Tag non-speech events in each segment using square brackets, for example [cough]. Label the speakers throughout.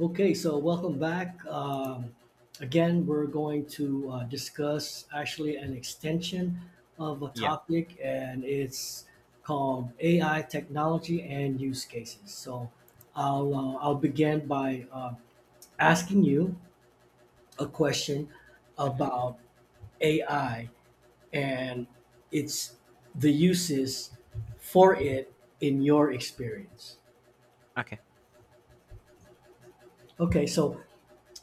Speaker 1: Okay, so welcome back. Again, we're going to discuss actually an extension of a
Speaker 2: Yeah.
Speaker 1: topic, and it's called AI technology and use cases. So I'll begin by asking you a question
Speaker 2: Hmm.
Speaker 1: about AI and its the uses for it in your experience.
Speaker 2: Okay.
Speaker 1: Okay, so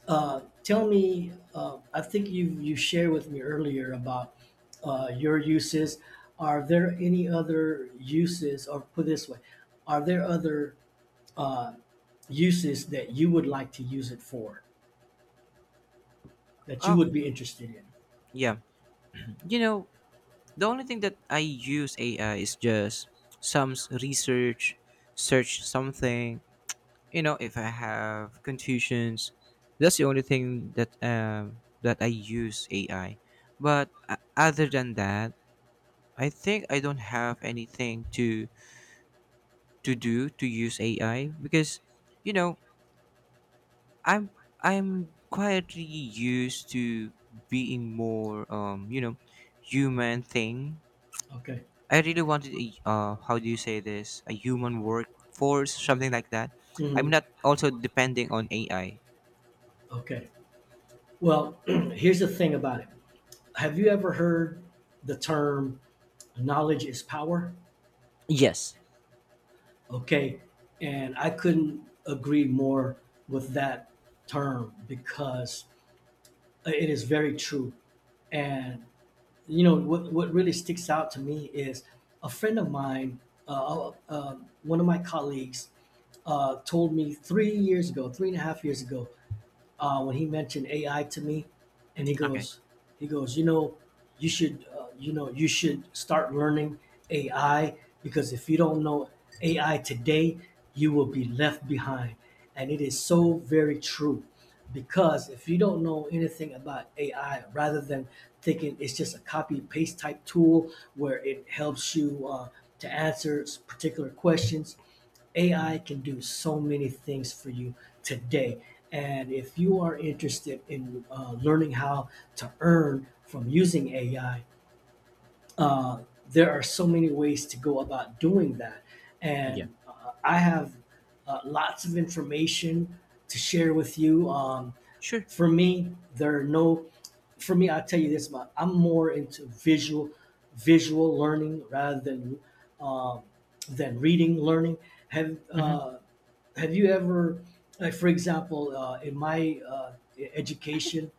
Speaker 1: Tell me, I think you shared with me earlier about your uses. Are there any other uses, or put it this way, are there other uh, uses that you would like to use it for that you
Speaker 2: Oh,
Speaker 1: would be interested in?
Speaker 2: yeah. You know, the only thing that I use AI is just some research, search something. You know, if I have confusions, that's the only thing that I use AI. But other than that, I think I don't have anything to do to use AI because, you know, I'm I'm quietly used to being more human thing.
Speaker 1: Okay.
Speaker 2: I really wanted how do you say this, a human workforce, something like that. I'm
Speaker 1: Mhm.
Speaker 2: not also depending on AI.
Speaker 1: Okay. Well, [clears throat] here's the thing about it. Have you ever heard the term knowledge is power?
Speaker 2: Yes.
Speaker 1: Okay. And I couldn't agree more with that term because it is very true. And you know what really sticks out to me is a friend of mine, uh, uh, one of my colleagues, told me 3 years ago, three and a half years ago, when he mentioned AI to me, and
Speaker 2: Okay.
Speaker 1: he goes, you know, you know, you should start learning AI, because if you don't know AI today, you will be left behind, and it is so very true. Because if you don't know anything about AI, rather than thinking it's just a copy paste type tool where it helps you to answer particular questions, AI
Speaker 2: Hmm.
Speaker 1: can do so many things for you today. And if you are interested in learning how to earn from using AI, uh, there are so many ways to go about doing that.
Speaker 2: Yeah.
Speaker 1: And I have lots of information to share with you.
Speaker 2: Sure.
Speaker 1: For me, there are no, for me, I'll tell you this, Ma, I'm more into visual learning rather um, than reading learning. Have,
Speaker 2: Mm-hmm.
Speaker 1: uh, have you ever, like for example in my education,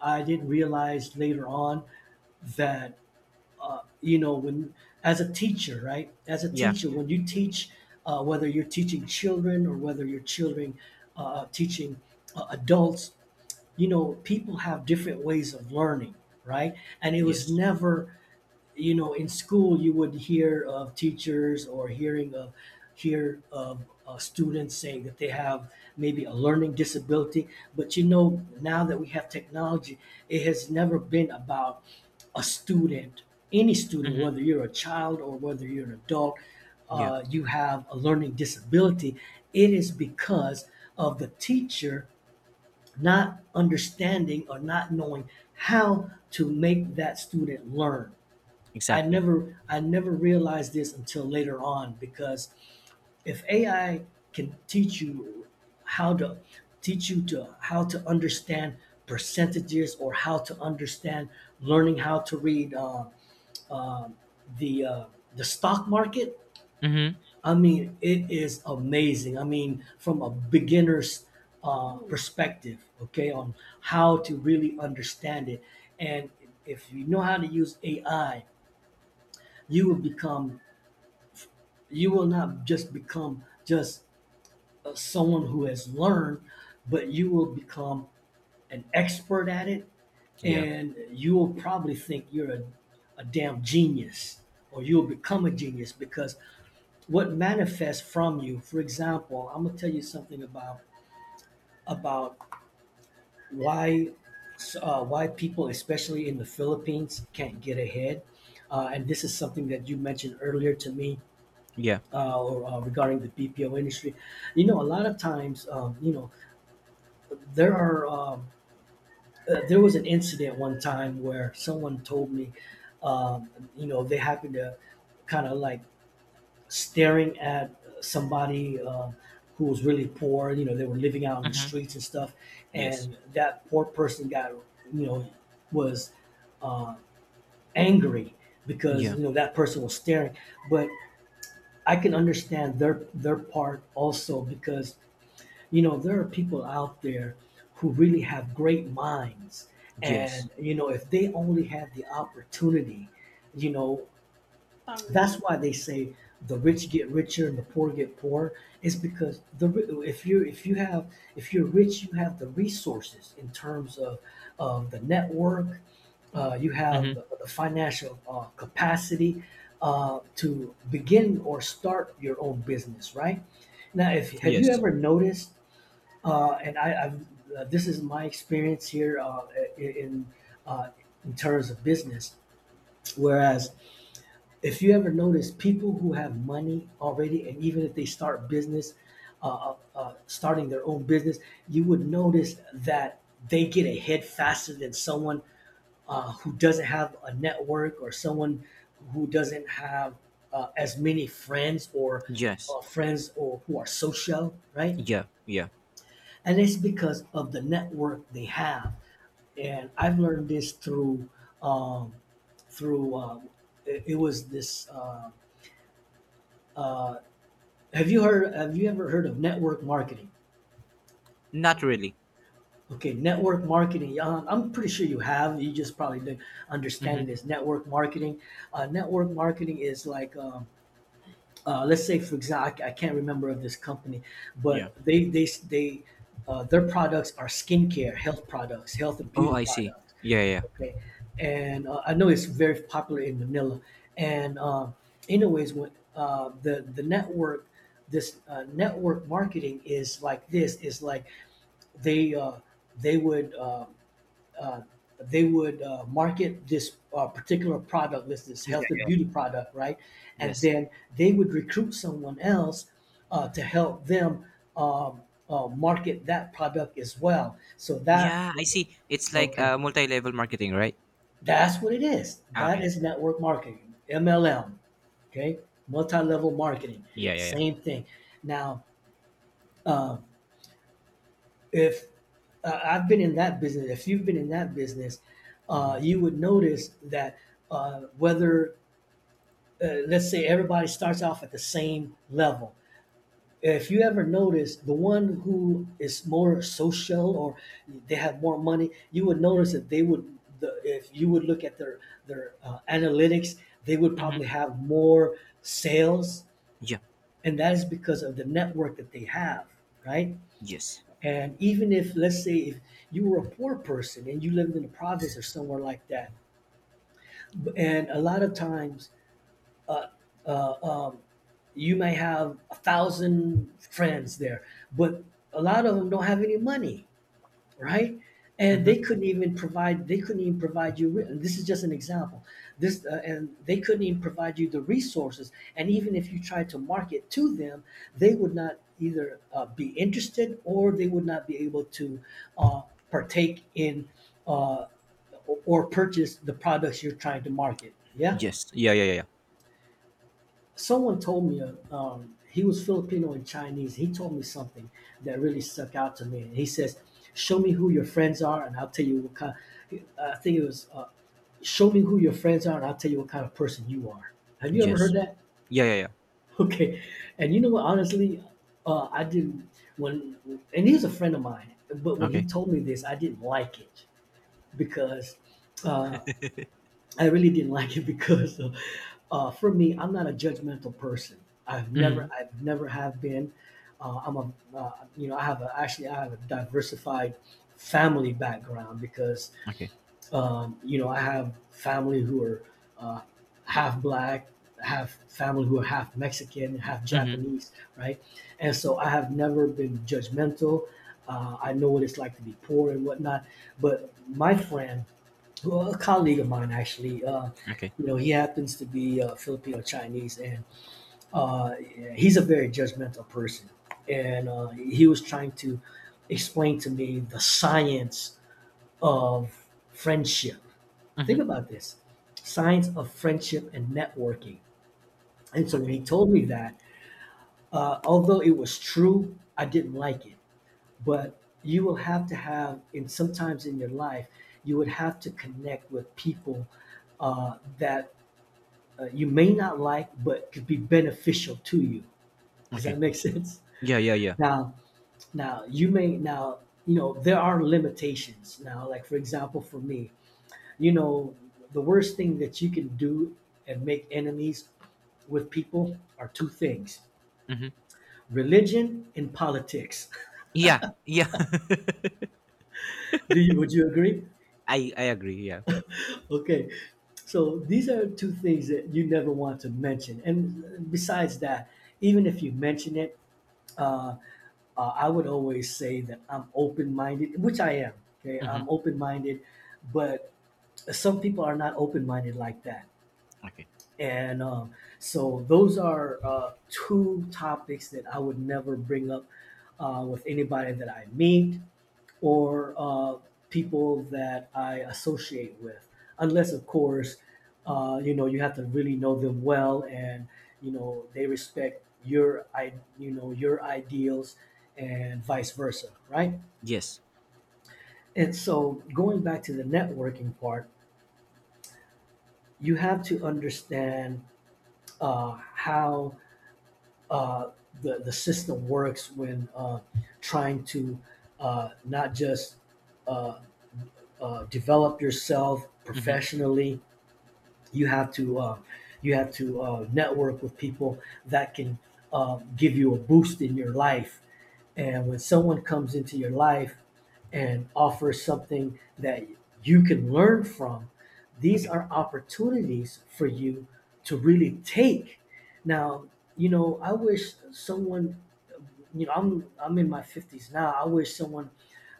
Speaker 1: I didn't realize later on that you know, when as a teacher, right, as a
Speaker 2: Yeah.
Speaker 1: teacher, when you teach, whether you're teaching children or whether you're children teaching adults, you know, people have different ways of learning, right? And it was
Speaker 2: Yes.
Speaker 1: never, you know, in school you would hear of teachers, or hear of students saying that they have maybe a learning disability. But you know, now that we have technology, it has never been about a student, any student,
Speaker 2: Mm-hmm.
Speaker 1: whether you're a child or whether you're an adult,
Speaker 2: Yeah.
Speaker 1: you have a learning disability. It is because of the teacher not understanding or not knowing how to make that student learn.
Speaker 2: Exactly.
Speaker 1: I never realized this until later on, because if AI can teach you how to teach you to how to understand percentages, or how to understand learning how to read, uh, the uh, the stock market.
Speaker 2: Mm-hmm.
Speaker 1: I mean, it is amazing. I mean, from a beginner's perspective, okay, on how to really understand it. And if you know how to use AI, you will become, you will not just become just someone who has learned, but you will become an expert at it.
Speaker 2: Yeah.
Speaker 1: And you will probably think you're a damn genius, or you'll become a genius. Because what manifests from you, for example, I'm going to tell you something about why, why people, especially in the Philippines, can't get ahead. And this is something that you mentioned earlier to me,
Speaker 2: Yeah.
Speaker 1: regarding the BPO industry. You know, a lot of times, you know, there are um, there was an incident one time where someone told me, um, you know, they happened to kind of like staring at somebody who was really poor. You know, they were living out on the
Speaker 2: Mm-hmm.
Speaker 1: streets and stuff,
Speaker 2: Yes.
Speaker 1: and that poor person got, you know, was uh, angry because
Speaker 2: Yeah.
Speaker 1: you know that person was staring. But I can understand their part also, because you know, there are people out there who really have great minds.
Speaker 2: Yes.
Speaker 1: And you know, if they only had the opportunity, you know, that's why they say the rich get richer and the poor get poorer. It's because if you, if you have, if you're rich, you have the resources in terms of the network. You have
Speaker 2: Mm-hmm.
Speaker 1: the financial capacity to begin or start your own business, right? Now, if, have you
Speaker 2: Yes.
Speaker 1: ever noticed, uh, and I, I've, this is my experience here in uh, in terms of business. Whereas, if you ever notice, people who have money already, and even if they start business, starting their own business, you would notice that they get ahead faster than someone who doesn't have a network, or someone who doesn't have as many friends, or
Speaker 2: Yes.
Speaker 1: friends or who are social, right?
Speaker 2: Yeah. Yeah.
Speaker 1: And it's because of the network they have. And I've learned this through, um, through it, it was this. Uh, have you heard? Have you ever heard of network marketing?
Speaker 2: Not really.
Speaker 1: Okay, network marketing. I'm pretty sure you have, you just probably didn't understand it
Speaker 2: Mm-hmm.
Speaker 1: as network marketing. Network marketing is like, let's say, for example, I can't remember of this company,
Speaker 2: Yeah.
Speaker 1: but they their products are skincare, health products, health and
Speaker 2: Oh,
Speaker 1: beauty
Speaker 2: I see.
Speaker 1: products.
Speaker 2: Yeah, yeah.
Speaker 1: Okay, and I know it's very popular in Manila. And anyways, when the network, this network marketing is like this, is like they uh, they would. Uh, uh, they would market this particular product, this
Speaker 2: Yeah,
Speaker 1: health and
Speaker 2: yeah.
Speaker 1: beauty product, right? And
Speaker 2: Yes.
Speaker 1: then they would recruit someone else to help them um, market that product as well. So that,
Speaker 2: Yeah, I see. It's like
Speaker 1: okay,
Speaker 2: multi-level marketing, right?
Speaker 1: that's what it is.
Speaker 2: Ah,
Speaker 1: That
Speaker 2: okay.
Speaker 1: is network marketing, MLM, okay, multi-level marketing,
Speaker 2: Yeah, yeah, yeah.
Speaker 1: same thing. Now. Uh, if I've been in that business, if you've been in that business,
Speaker 2: Mm-hmm.
Speaker 1: you would notice that, uh, whether, let's say, everybody starts off at the same level. If you ever notice, the one who is more social, or they have more money, you would notice that they would, if you would look at their analytics, they would
Speaker 2: Mm-hmm.
Speaker 1: probably have more sales.
Speaker 2: Yeah.
Speaker 1: And that is because of the network that they have, right?
Speaker 2: Yes.
Speaker 1: And even if, let's say, if you were a poor person and you lived in the province or somewhere like that, and a lot of times, uh, uh, um, you may have a thousand friends there, but a lot of them don't have any money, right? And
Speaker 2: Mm-hmm.
Speaker 1: they couldn't even provide you. This is just an example. This and they couldn't even provide you the resources. And even if you tried to market to them, they would not either be interested, or they would not be able to uh, partake in uh, or purchase the products you're trying to market. Yeah.
Speaker 2: Yes. Yeah, yeah, yeah, yeah.
Speaker 1: Someone told me, he was Filipino and Chinese. He told me something that really stuck out to me. He says, "Show me who your friends are, and I'll tell you what kind." I think it was, "Show me who your friends are, and I'll tell you what kind of person you are." Have you ever heard
Speaker 2: Yes.
Speaker 1: that? [laughs]
Speaker 2: Yeah, yeah, yeah.
Speaker 1: Okay, and you know what? Honestly, I didn't. When and he's a friend of mine, but when he
Speaker 2: Okay.
Speaker 1: told me this, I didn't like it, because uh, I really didn't [laughs] like it, because for me, I'm not a judgmental person.
Speaker 2: Mm-hmm.
Speaker 1: I've never have been. Uh, I'm a, uh, you know, actually I have a diversified family background. Because
Speaker 2: Okay.
Speaker 1: you know, I have family who are uh, half black, have family who are half Mexican, half
Speaker 2: Mm-hmm.
Speaker 1: Japanese, right? And so I have never been judgmental. I know what it's like to be poor and whatnot. But my friends, well, a colleague of mine actually.
Speaker 2: Okay.
Speaker 1: You know, he happens to be Filipino Chinese, and uh, he's a very judgmental person. And he was trying to explain to me the science of friendship.
Speaker 2: Mm-hmm.
Speaker 1: Think about this: science of friendship and networking. And so when he
Speaker 2: Okay.
Speaker 1: told me that, although it was true, I didn't like it. But you will have to have, and sometimes in your life, you would have to connect with people that you may not like but could be beneficial to you. Does that
Speaker 2: Okay.
Speaker 1: make [laughs] sense?
Speaker 2: Yeah, yeah, yeah.
Speaker 1: Now, Now, you know there are limitations. Now, like for example, for me, you know, the worst thing that you can do and make enemies with people are two things:
Speaker 2: Mm-hmm.
Speaker 1: religion and politics. [laughs]
Speaker 2: Yeah, yeah. [laughs]
Speaker 1: Do you? Would you agree?
Speaker 2: I agree. Yeah.
Speaker 1: Okay. So these are two things that you never want to mention. And besides that, even if you mention it, uh, I would always say that I'm open minded, which I am. Okay,
Speaker 2: Mm-hmm.
Speaker 1: I'm open minded, but some people are not open minded like that.
Speaker 2: Okay.
Speaker 1: And so those are two topics that I would never bring up with anybody that I meet or people that I associate with, unless of course, you know, you have to really know them well, and you know they respect your I you know your ideals, and vice versa, right?
Speaker 2: Yes.
Speaker 1: And so going back to the networking part, you have to understand how uh, the system works when trying to not just uh, develop yourself
Speaker 2: Mm-hmm.
Speaker 1: professionally. You have to uh, you have to network with people that can give you a boost in your life. And when someone comes into your life and offers something that you can learn from, these
Speaker 2: Okay.
Speaker 1: are opportunities for you to really take. Now, you know, I wish someone, you know, I'm in my 50s now. I wish someone,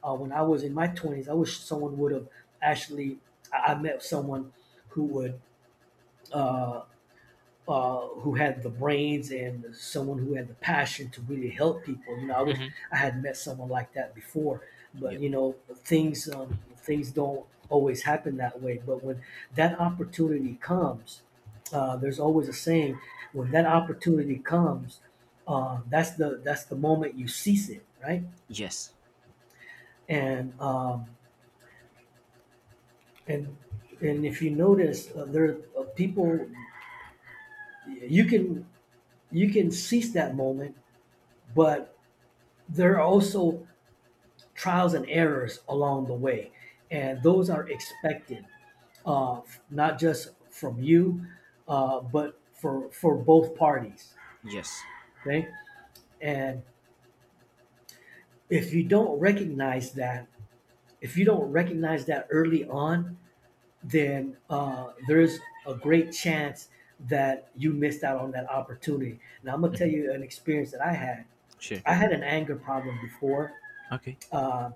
Speaker 1: when I was in my 20s, I wish someone would have actually. I met someone who would uh, who had the brains and someone who had the passion to really help people. You know, I wish
Speaker 2: Mm-hmm.
Speaker 1: I had met someone like that before, but
Speaker 2: Yeah.
Speaker 1: you know, things don't always happen that way. But when that opportunity comes, there's always a saying: when that opportunity comes, that's the moment you seize it, right?
Speaker 2: Yes.
Speaker 1: And um, and and if you notice, there are people you can you can seize that moment, but there are also trials and errors along the way, and those are expected, uh, not just from you, but for both parties.
Speaker 2: Yes.
Speaker 1: Okay, and if you don't recognize that, if you don't recognize that early on, then there's a great chance that you missed out on that opportunity. Now I'm gonna tell you an experience that I had.
Speaker 2: Sure.
Speaker 1: I had an anger problem before.
Speaker 2: Okay.
Speaker 1: Uh,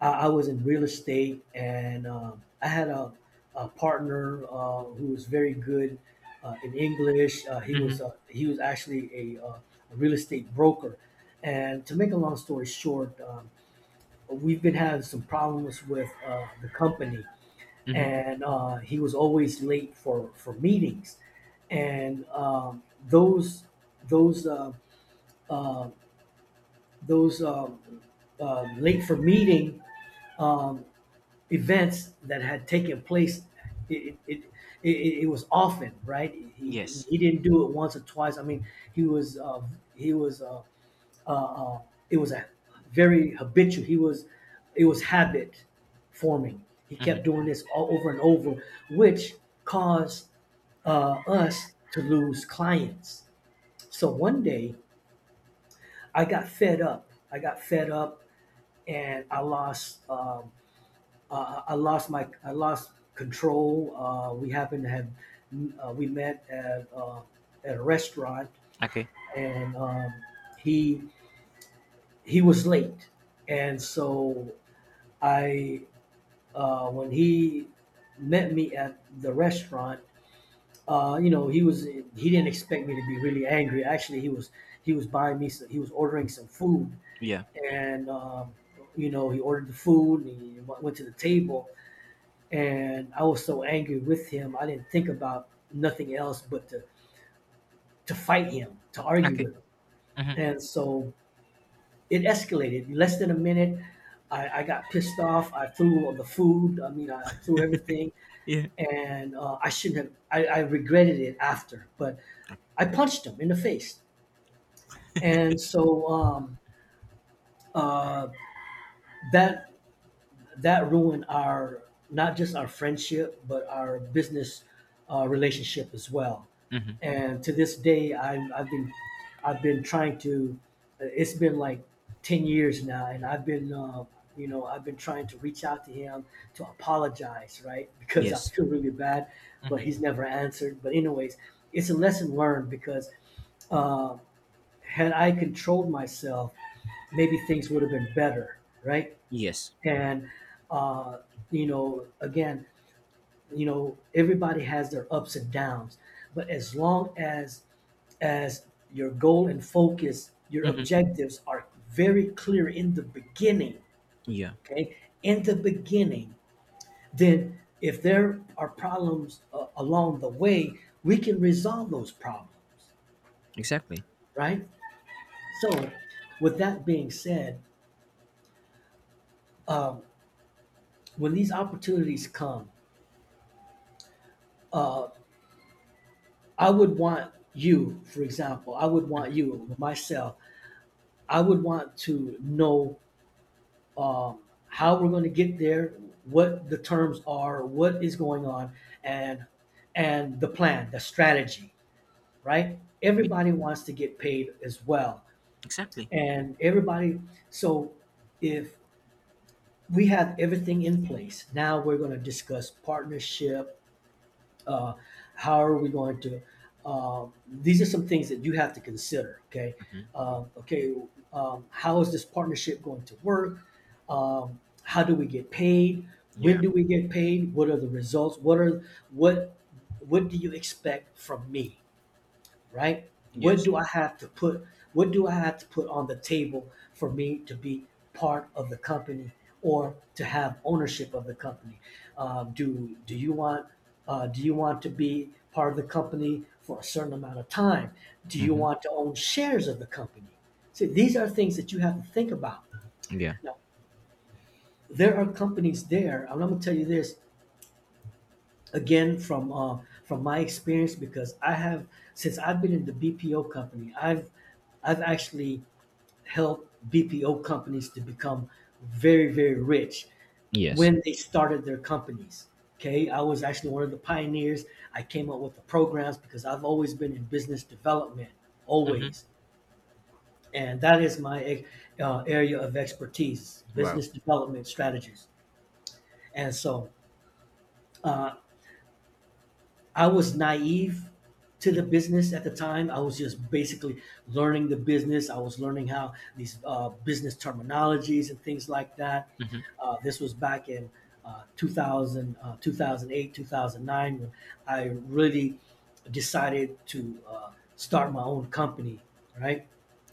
Speaker 1: I was in real estate, and I had a partner who was very good in English.
Speaker 2: Mm-hmm.
Speaker 1: He was actually a, uh, a real estate broker. And to make a long story short, we've been having some problems with the company,
Speaker 2: Mm-hmm.
Speaker 1: and he was always late for meetings, and those uh, uh, those late for meeting. Um, events that had taken place. it it, it, it was often right. He didn't,
Speaker 2: Yes.
Speaker 1: he didn't do it once or twice. I mean he was uh, he was uh, uh, it was a very habitual he was it was habit forming He
Speaker 2: Mm-hmm.
Speaker 1: kept doing this all over and over, which caused us to lose clients. So one day, I got fed up. I got fed up, and I lost my, I lost control. We happened to have we met at a restaurant,
Speaker 2: Okay.
Speaker 1: and he he was late, and so I, when he met me at the restaurant, you know, he was, he didn't expect me to be really angry. Actually, he was, he was buying me some, he was ordering some food,
Speaker 2: Yeah.
Speaker 1: and you know, he ordered the food, and he went to the table, and I was so angry with him, I didn't think about nothing else but to fight him, to argue
Speaker 2: Okay.
Speaker 1: with him,
Speaker 2: Mm-hmm.
Speaker 1: and so it escalated. In less than a minute, I got pissed off. I threw all the food. I mean, I threw everything,
Speaker 2: Yeah.
Speaker 1: and I shouldn't have. I regretted it after, but I punched him in the face, and so uh, that, that ruined our, not just our friendship but our business relationship as well.
Speaker 2: Mm-hmm.
Speaker 1: And to this day, I've been, I've been trying to. It's been like ten years now, and I've been you know, I've been trying to reach out to him to apologize, right? [laughs] Because I
Speaker 2: Yes.
Speaker 1: feel really bad, but he's
Speaker 2: Mm-hmm.
Speaker 1: never answered. But anyways, it's a lesson learned because, uh, had I controlled myself, maybe things would have been better, right?
Speaker 2: Yes.
Speaker 1: And uh, you know, again, you know, everybody has their ups and downs, but as long as as your goal and focus, your
Speaker 2: Mm-hmm.
Speaker 1: objectives are very clear in the beginning.
Speaker 2: Yeah.
Speaker 1: Okay, in the beginning, then if there are problems along the way, we can resolve those problems,
Speaker 2: Exactly.
Speaker 1: right? So with that being said, um, when these opportunities come, uh, I would want you, for example, I would want you, myself, I would want to know, um, how we're going to get there, what the terms are, what is going on, and and the plan, the strategy, right?
Speaker 2: Yeah,
Speaker 1: Everybody wants to get paid as well,
Speaker 2: exactly.
Speaker 1: and everybody. So if we have everything in place, now we're going to discuss partnership. Uh, how are we going to? These are some things that you have to consider. Okay. Okay. How is this partnership going to work? How do we get paid? When
Speaker 2: Yeah.
Speaker 1: do we get paid? What are the results? What are, what what do you expect from me? Right? What
Speaker 2: Yes.
Speaker 1: do I have to put? What do I have to put on the table for me to be part of the company or to have ownership of the company? Uh, do do you want do you want to be part of the company for a certain amount of time? Do you
Speaker 2: Mm-hmm.
Speaker 1: want to own shares of the company? See, these are things that you have to think about.
Speaker 2: Yeah.
Speaker 1: Now, there are companies there. I'm going to tell you this again from my experience, because I have, since I've been in the BPO company, I've actually helped BPO companies to become very, very rich
Speaker 2: Yes.
Speaker 1: when they started their companies. Okay, I was actually one of the pioneers. I came up with the programs because I've always been in business development,
Speaker 2: Mm-hmm.
Speaker 1: always, and that is my area of expertise:
Speaker 2: Wow.
Speaker 1: business development strategies. And so, uh, I was naive to the business at the time. I was just basically learning the business. I was learning how these business terminologies and things like that.
Speaker 2: Mm-hmm.
Speaker 1: This was back in 2000, 2008, 2009, when I really decided to start my own company, right?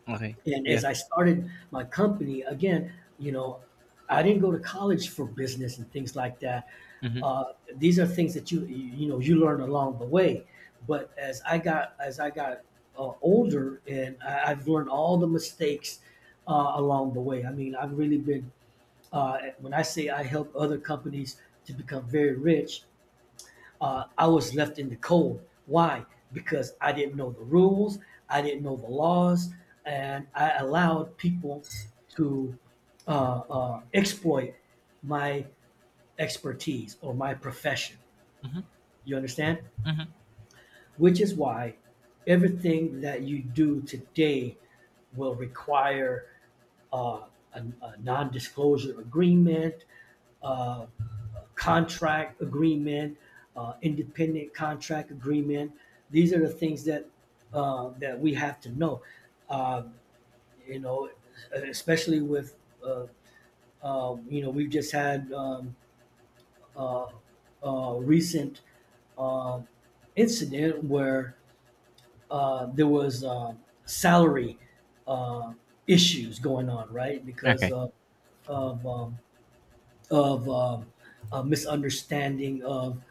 Speaker 2: Okay.
Speaker 1: And as
Speaker 2: Yeah.
Speaker 1: I started my company, again, you know, I didn't go to college for business and things like that.
Speaker 2: Mm-hmm.
Speaker 1: These are things that you know, you learn along the way. But as I got, as I got older, and I've learned all the mistakes along the way. I mean, I've really been, when I say I help other companies to become very rich, I was left in the cold. Why? Because I didn't know the rules, I didn't know the laws, and I allowed people to exploit my expertise or my profession.
Speaker 2: Mm-hmm.
Speaker 1: You understand?
Speaker 2: Mm-hmm.
Speaker 1: Which is why everything that you do today will require uh, a non-disclosure agreement, uh, contract agreement, independent contract agreement. These are the things that that we have to know. Uh, you know, especially with uh, you know, we've just had uh, recent um, incident where there was salary uh, issues going on, right? Because
Speaker 2: Okay.
Speaker 1: of of um, of um, a misunderstanding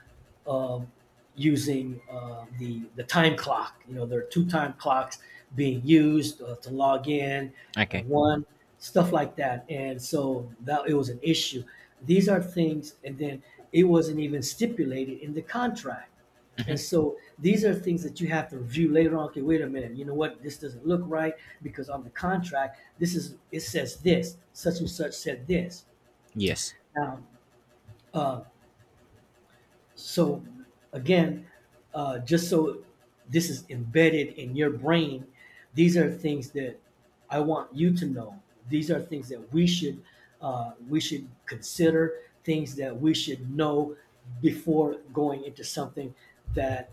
Speaker 1: of using the time clock. You know, there are two time clocks being used to log in,
Speaker 2: Okay.
Speaker 1: one, stuff like that, and so that, it was an issue. These are things, and then it wasn't even stipulated in the contract.
Speaker 2: Mm-hmm.
Speaker 1: And so these are things that you have to review later on. Okay, wait a minute. You know what? This doesn't look right because on the contract, this is, it says this. Such and such said this.
Speaker 2: Yes.
Speaker 1: Now, uh, so again, just so this is embedded in your brain, these are things that I want you to know. These are things that we should consider. Things that we should know before going into something that,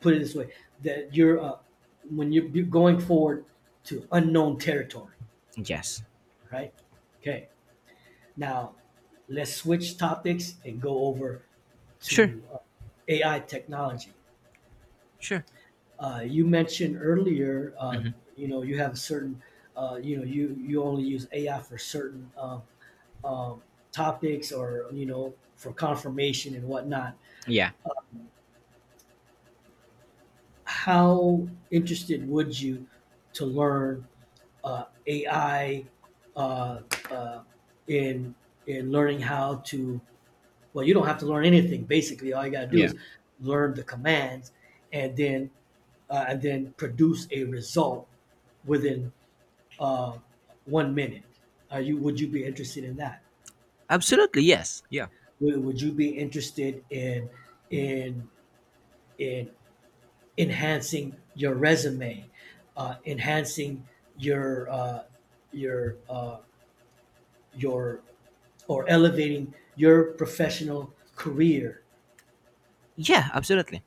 Speaker 1: put it this way, that you're when you're going forward to unknown territory,
Speaker 2: Yes.
Speaker 1: right? Okay, now let's switch topics and go over
Speaker 2: Sure.
Speaker 1: to AI technology.
Speaker 2: Sure.
Speaker 1: You mentioned earlier,
Speaker 2: Mm-hmm.
Speaker 1: you know, you have a certain, you know, you only use AI for certain um, topics or you know, for confirmation and whatnot.
Speaker 2: Yeah.
Speaker 1: How interested would you to learn AI uh, uh, in in learning how to. Well, you don't have to learn anything. Basically, all you got to do
Speaker 2: Yeah.
Speaker 1: is learn the commands, and then and then produce a result within uh, one minute. Are you? Would you be interested in that?
Speaker 2: Absolutely. Yes. Yeah.
Speaker 1: Would you be interested in in in enhancing your resume, enhancing your your your or elevating your professional career?
Speaker 2: Yeah. Absolutely.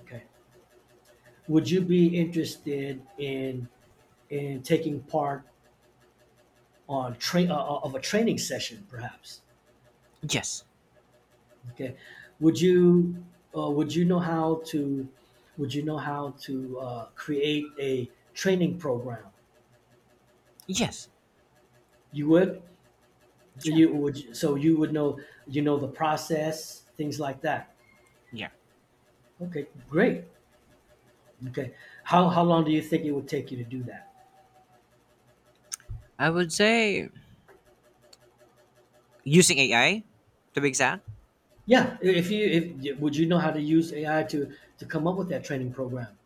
Speaker 1: Okay, would you be interested in taking part on train of a training session, perhaps?
Speaker 2: Yes.
Speaker 1: Okay, would you would you know how to would you know how to create a training program?
Speaker 2: Yes.
Speaker 1: You would
Speaker 2: Yeah.
Speaker 1: you would so you would know you know the process, things like that.
Speaker 2: Yeah.
Speaker 1: Okay, great. Okay, how long do you think it would take you to do that?
Speaker 2: I would say using AI to be exact.
Speaker 1: Yeah, if you if would you know how to use AI to come up with that training program?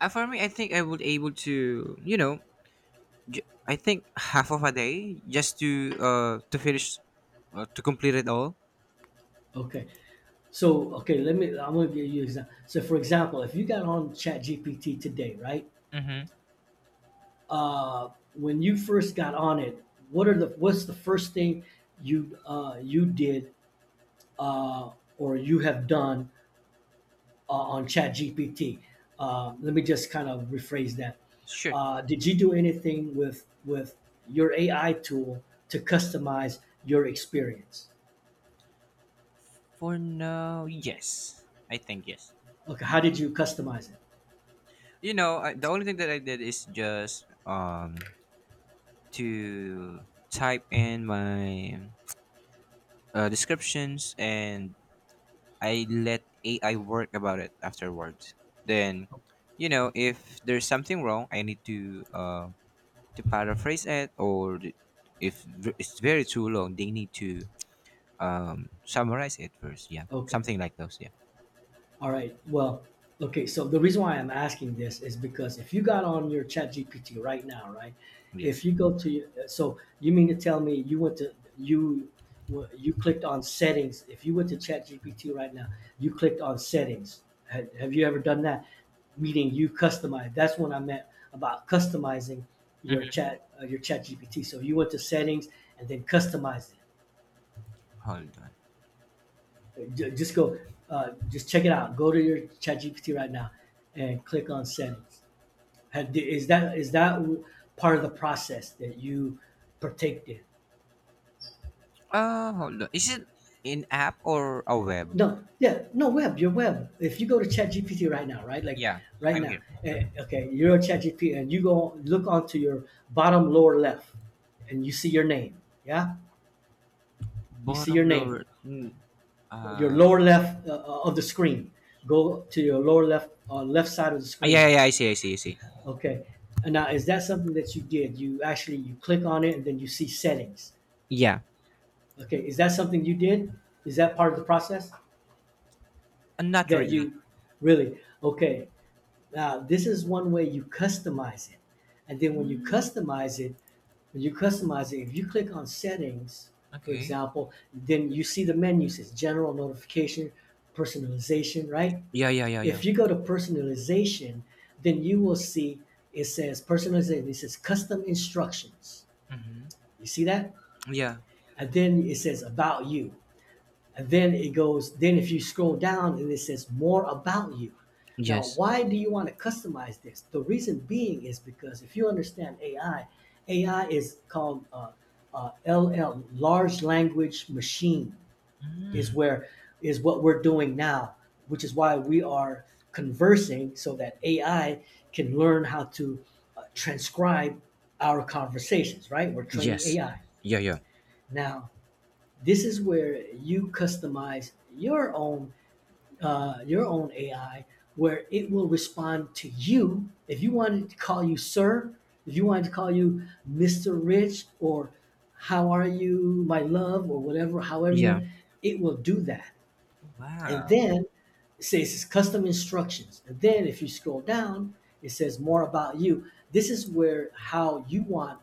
Speaker 2: For me, I think I would able to, you know, I think half of a day just to finish, to complete it all.
Speaker 1: Okay, so okay, let me. I'm going to give you an example. So, for example, if you got on ChatGPT today, right?
Speaker 2: Mm-hmm.
Speaker 1: Uh, when you first got on it, what are the what's the first thing you you did uh, or you have done on ChatGPT? Let me just kind of rephrase that.
Speaker 2: Sure.
Speaker 1: Did you do anything with your AI tool to customize your experience?
Speaker 2: For now, yes. I think yes.
Speaker 1: Okay, how did you customize it?
Speaker 2: You know, the only thing that I did is just to type in my descriptions, and I let AI work about it afterwards. Then, you know, if there's something wrong, I need to paraphrase it, or if it's very too long, they need to summarize it first. Yeah,
Speaker 1: Okay,
Speaker 2: something like those. Yeah.
Speaker 1: all right. Well, okay. So the reason why I'm asking this is because if you got on your Chat GPT right now, right? If
Speaker 2: Yes.
Speaker 1: you go to your- so you mean to tell me you went to you w- you clicked on settings? If you went to Chat GPT right now, you clicked on settings. Have you ever done that? Meaning you customize. That's what I meant about customizing
Speaker 2: Mhm.
Speaker 1: your Chat GPT. So you went to settings and then customized it.
Speaker 2: Hold on.
Speaker 1: Just go, just check it out. Go to your ChatGPT right now and click on settings. Is that part of the process that you partake in?
Speaker 2: Uh, hold on, is it in app or a web?
Speaker 1: No, yeah, no web. Your web. If you go to ChatGPT right now, right, like
Speaker 2: Yeah,
Speaker 1: right
Speaker 2: I'm
Speaker 1: now,
Speaker 2: here.
Speaker 1: eh,
Speaker 2: Mhm.
Speaker 1: okay, you're on ChatGPT and you go look onto your bottom lower left, and you see your name. Yeah, you see your
Speaker 2: Bottom
Speaker 1: name.
Speaker 2: lower
Speaker 1: Your
Speaker 2: ah,
Speaker 1: lower left of the screen. Go to your lower left, left side of the screen.
Speaker 2: yeah, yeah, yeah, I see, I see, I see.
Speaker 1: Okay. And now, is that something that you did? You actually you click on it and then you see settings.
Speaker 2: Yeah.
Speaker 1: Okay. Is that something you did? Is that part of the process
Speaker 2: Not
Speaker 1: that
Speaker 2: really.
Speaker 1: you really? Okay. Now, this is one way you customize it. And then when you
Speaker 2: mm,
Speaker 1: customize it, when you customize it, if you click on settings, for
Speaker 2: okay.
Speaker 1: example, then you see the menu says general notification, personalization, right?
Speaker 2: Yeah, yeah, yeah, yeah.
Speaker 1: If you go to personalization, then you will see it says personalization, it says custom instructions.
Speaker 2: Hmm.
Speaker 1: You see that?
Speaker 2: Yeah.
Speaker 1: And then it says about you. And then it goes, then if you scroll down and it says more about you. Now,
Speaker 2: Yes.
Speaker 1: why do you want to customize this? The reason being is because if you understand AI, AI is called LL, large language machine is where is what we're doing now, which is why we are conversing so that AI can learn how to transcribe our conversations, right? We're training
Speaker 2: Yes.
Speaker 1: AI.
Speaker 2: Yeah, yeah,
Speaker 1: Now, this is where you customize your own AI where it will respond to you. If you wanted to call you sir, if you wanted to call you Mr. Rich, or how are you, my love, or whatever, however you
Speaker 2: yeah.
Speaker 1: want, it will do that. And
Speaker 2: Wow.
Speaker 1: then it says custom instructions. And then if you scroll down, it says more about you. This is where how you want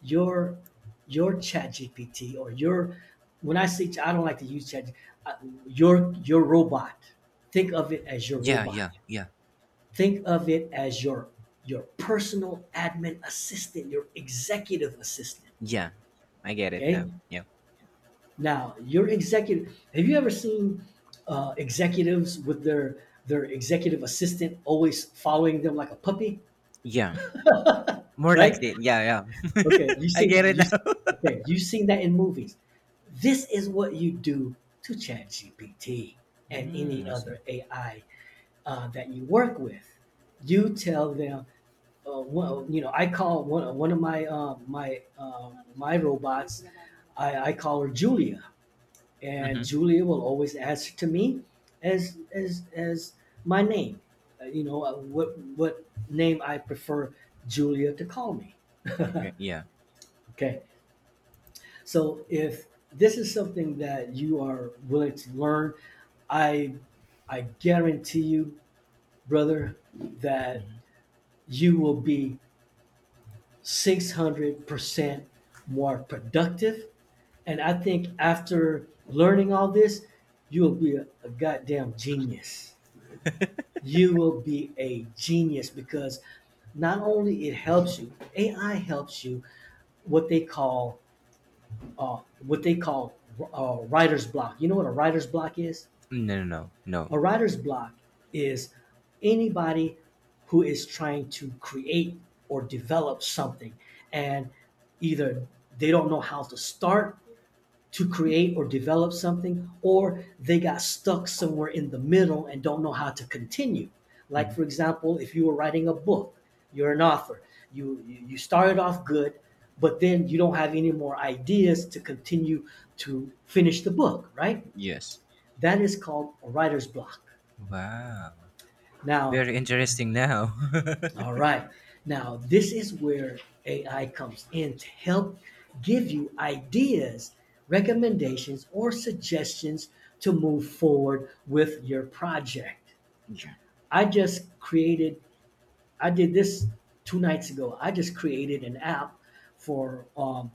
Speaker 1: your your chat GPT or your when I say I don't like to use chat uh, your robot. Think of it as your
Speaker 2: Yeah,
Speaker 1: robot.
Speaker 2: yeah, yeah.
Speaker 1: Think of it as your personal admin assistant, your executive assistant.
Speaker 2: Yeah, I get it
Speaker 1: Okay?
Speaker 2: now. Yeah.
Speaker 1: Now, your executive, have you ever seen executives with their executive assistant always following them like a puppy,
Speaker 2: Yeah. More
Speaker 1: right?
Speaker 2: likely. Yeah, yeah.
Speaker 1: Okay, you
Speaker 2: [laughs] I
Speaker 1: see,
Speaker 2: get it
Speaker 1: you
Speaker 2: now. [laughs]
Speaker 1: okay, you've seen that in movies. This is what you do to ChatGPT and any
Speaker 2: I
Speaker 1: other
Speaker 2: see.
Speaker 1: AI that you work with. You tell them, well, you know, I call one of my my my robots. I call her Julia,
Speaker 2: Mm-hmm.
Speaker 1: and Julia will always ask to me as my name. You know, what name I prefer Julia to call me.
Speaker 2: Okay.
Speaker 1: [laughs]
Speaker 2: Yeah.
Speaker 1: Okay, so if this is something that you are willing to learn, I I guarantee you, brother, that you will be 600% more productive. And I think after learning all this, you'll be a goddamn genius. You will be a genius because not only it helps you, AI helps you what they call uh, what they call writer's block. You know what a writer's block is?
Speaker 2: No, no, no, no.
Speaker 1: A writer's block is anybody who is trying to create or develop something and either they don't know how to start to create or develop something, or they got stuck somewhere in the middle and don't know how to continue. Like, for
Speaker 2: Mhm.
Speaker 1: example, if you were writing a book, you're an author, you started off good, but then you don't have any more ideas to continue to finish the book, right?
Speaker 2: Yes.
Speaker 1: That is called a writer's block.
Speaker 2: Wow.
Speaker 1: Now,
Speaker 2: Very interesting now. [laughs]
Speaker 1: all right. Now, this is where AI comes in to help give you ideas, recommendations, or suggestions to move forward with your project.
Speaker 2: Yeah.
Speaker 1: I just created, I did this two nights ago. I just created an app for um,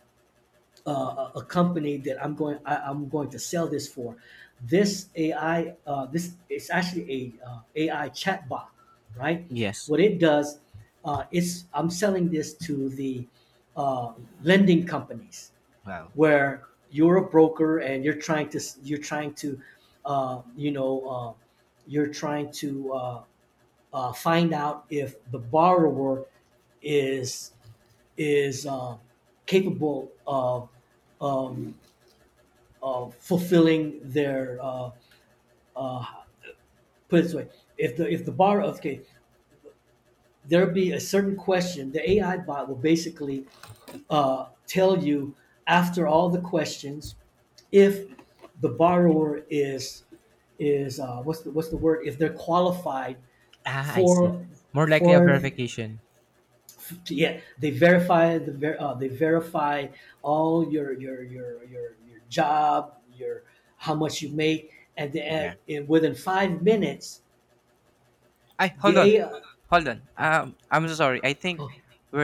Speaker 1: uh, a company that I'm going I, I'm going to sell this for. This AI this it's actually a AI chatbot, right?
Speaker 2: Yes.
Speaker 1: What it does, it's I'm selling this to the uh, lending companies
Speaker 2: Wow.
Speaker 1: where you're a broker and you're trying to you know, you're trying to find out if the borrower is is capable of fulfilling their uh, put it this way, if the bar okay, there be a certain question, the AI bot will basically tell you after all the questions if the borrower is what's the word, if they're qualified
Speaker 2: Ah, I see.
Speaker 1: for
Speaker 2: More likely a
Speaker 1: for,
Speaker 2: verification.
Speaker 1: yeah, they verify the ver- they verify all your job, your how much you make, and the,
Speaker 2: Yeah.
Speaker 1: and within 5 minutes
Speaker 2: I Hold
Speaker 1: the
Speaker 2: on,
Speaker 1: AI.
Speaker 2: hold on. I'm so sorry. I think
Speaker 1: Oh,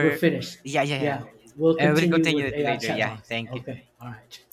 Speaker 1: we're finished.
Speaker 2: yeah, yeah, yeah.
Speaker 1: Yeah, we'll
Speaker 2: Yeah. We'll
Speaker 1: continue
Speaker 2: continue
Speaker 1: with
Speaker 2: it
Speaker 1: AI
Speaker 2: later.
Speaker 1: chat
Speaker 2: Yeah,
Speaker 1: box.
Speaker 2: thank you.
Speaker 1: Okay, all right.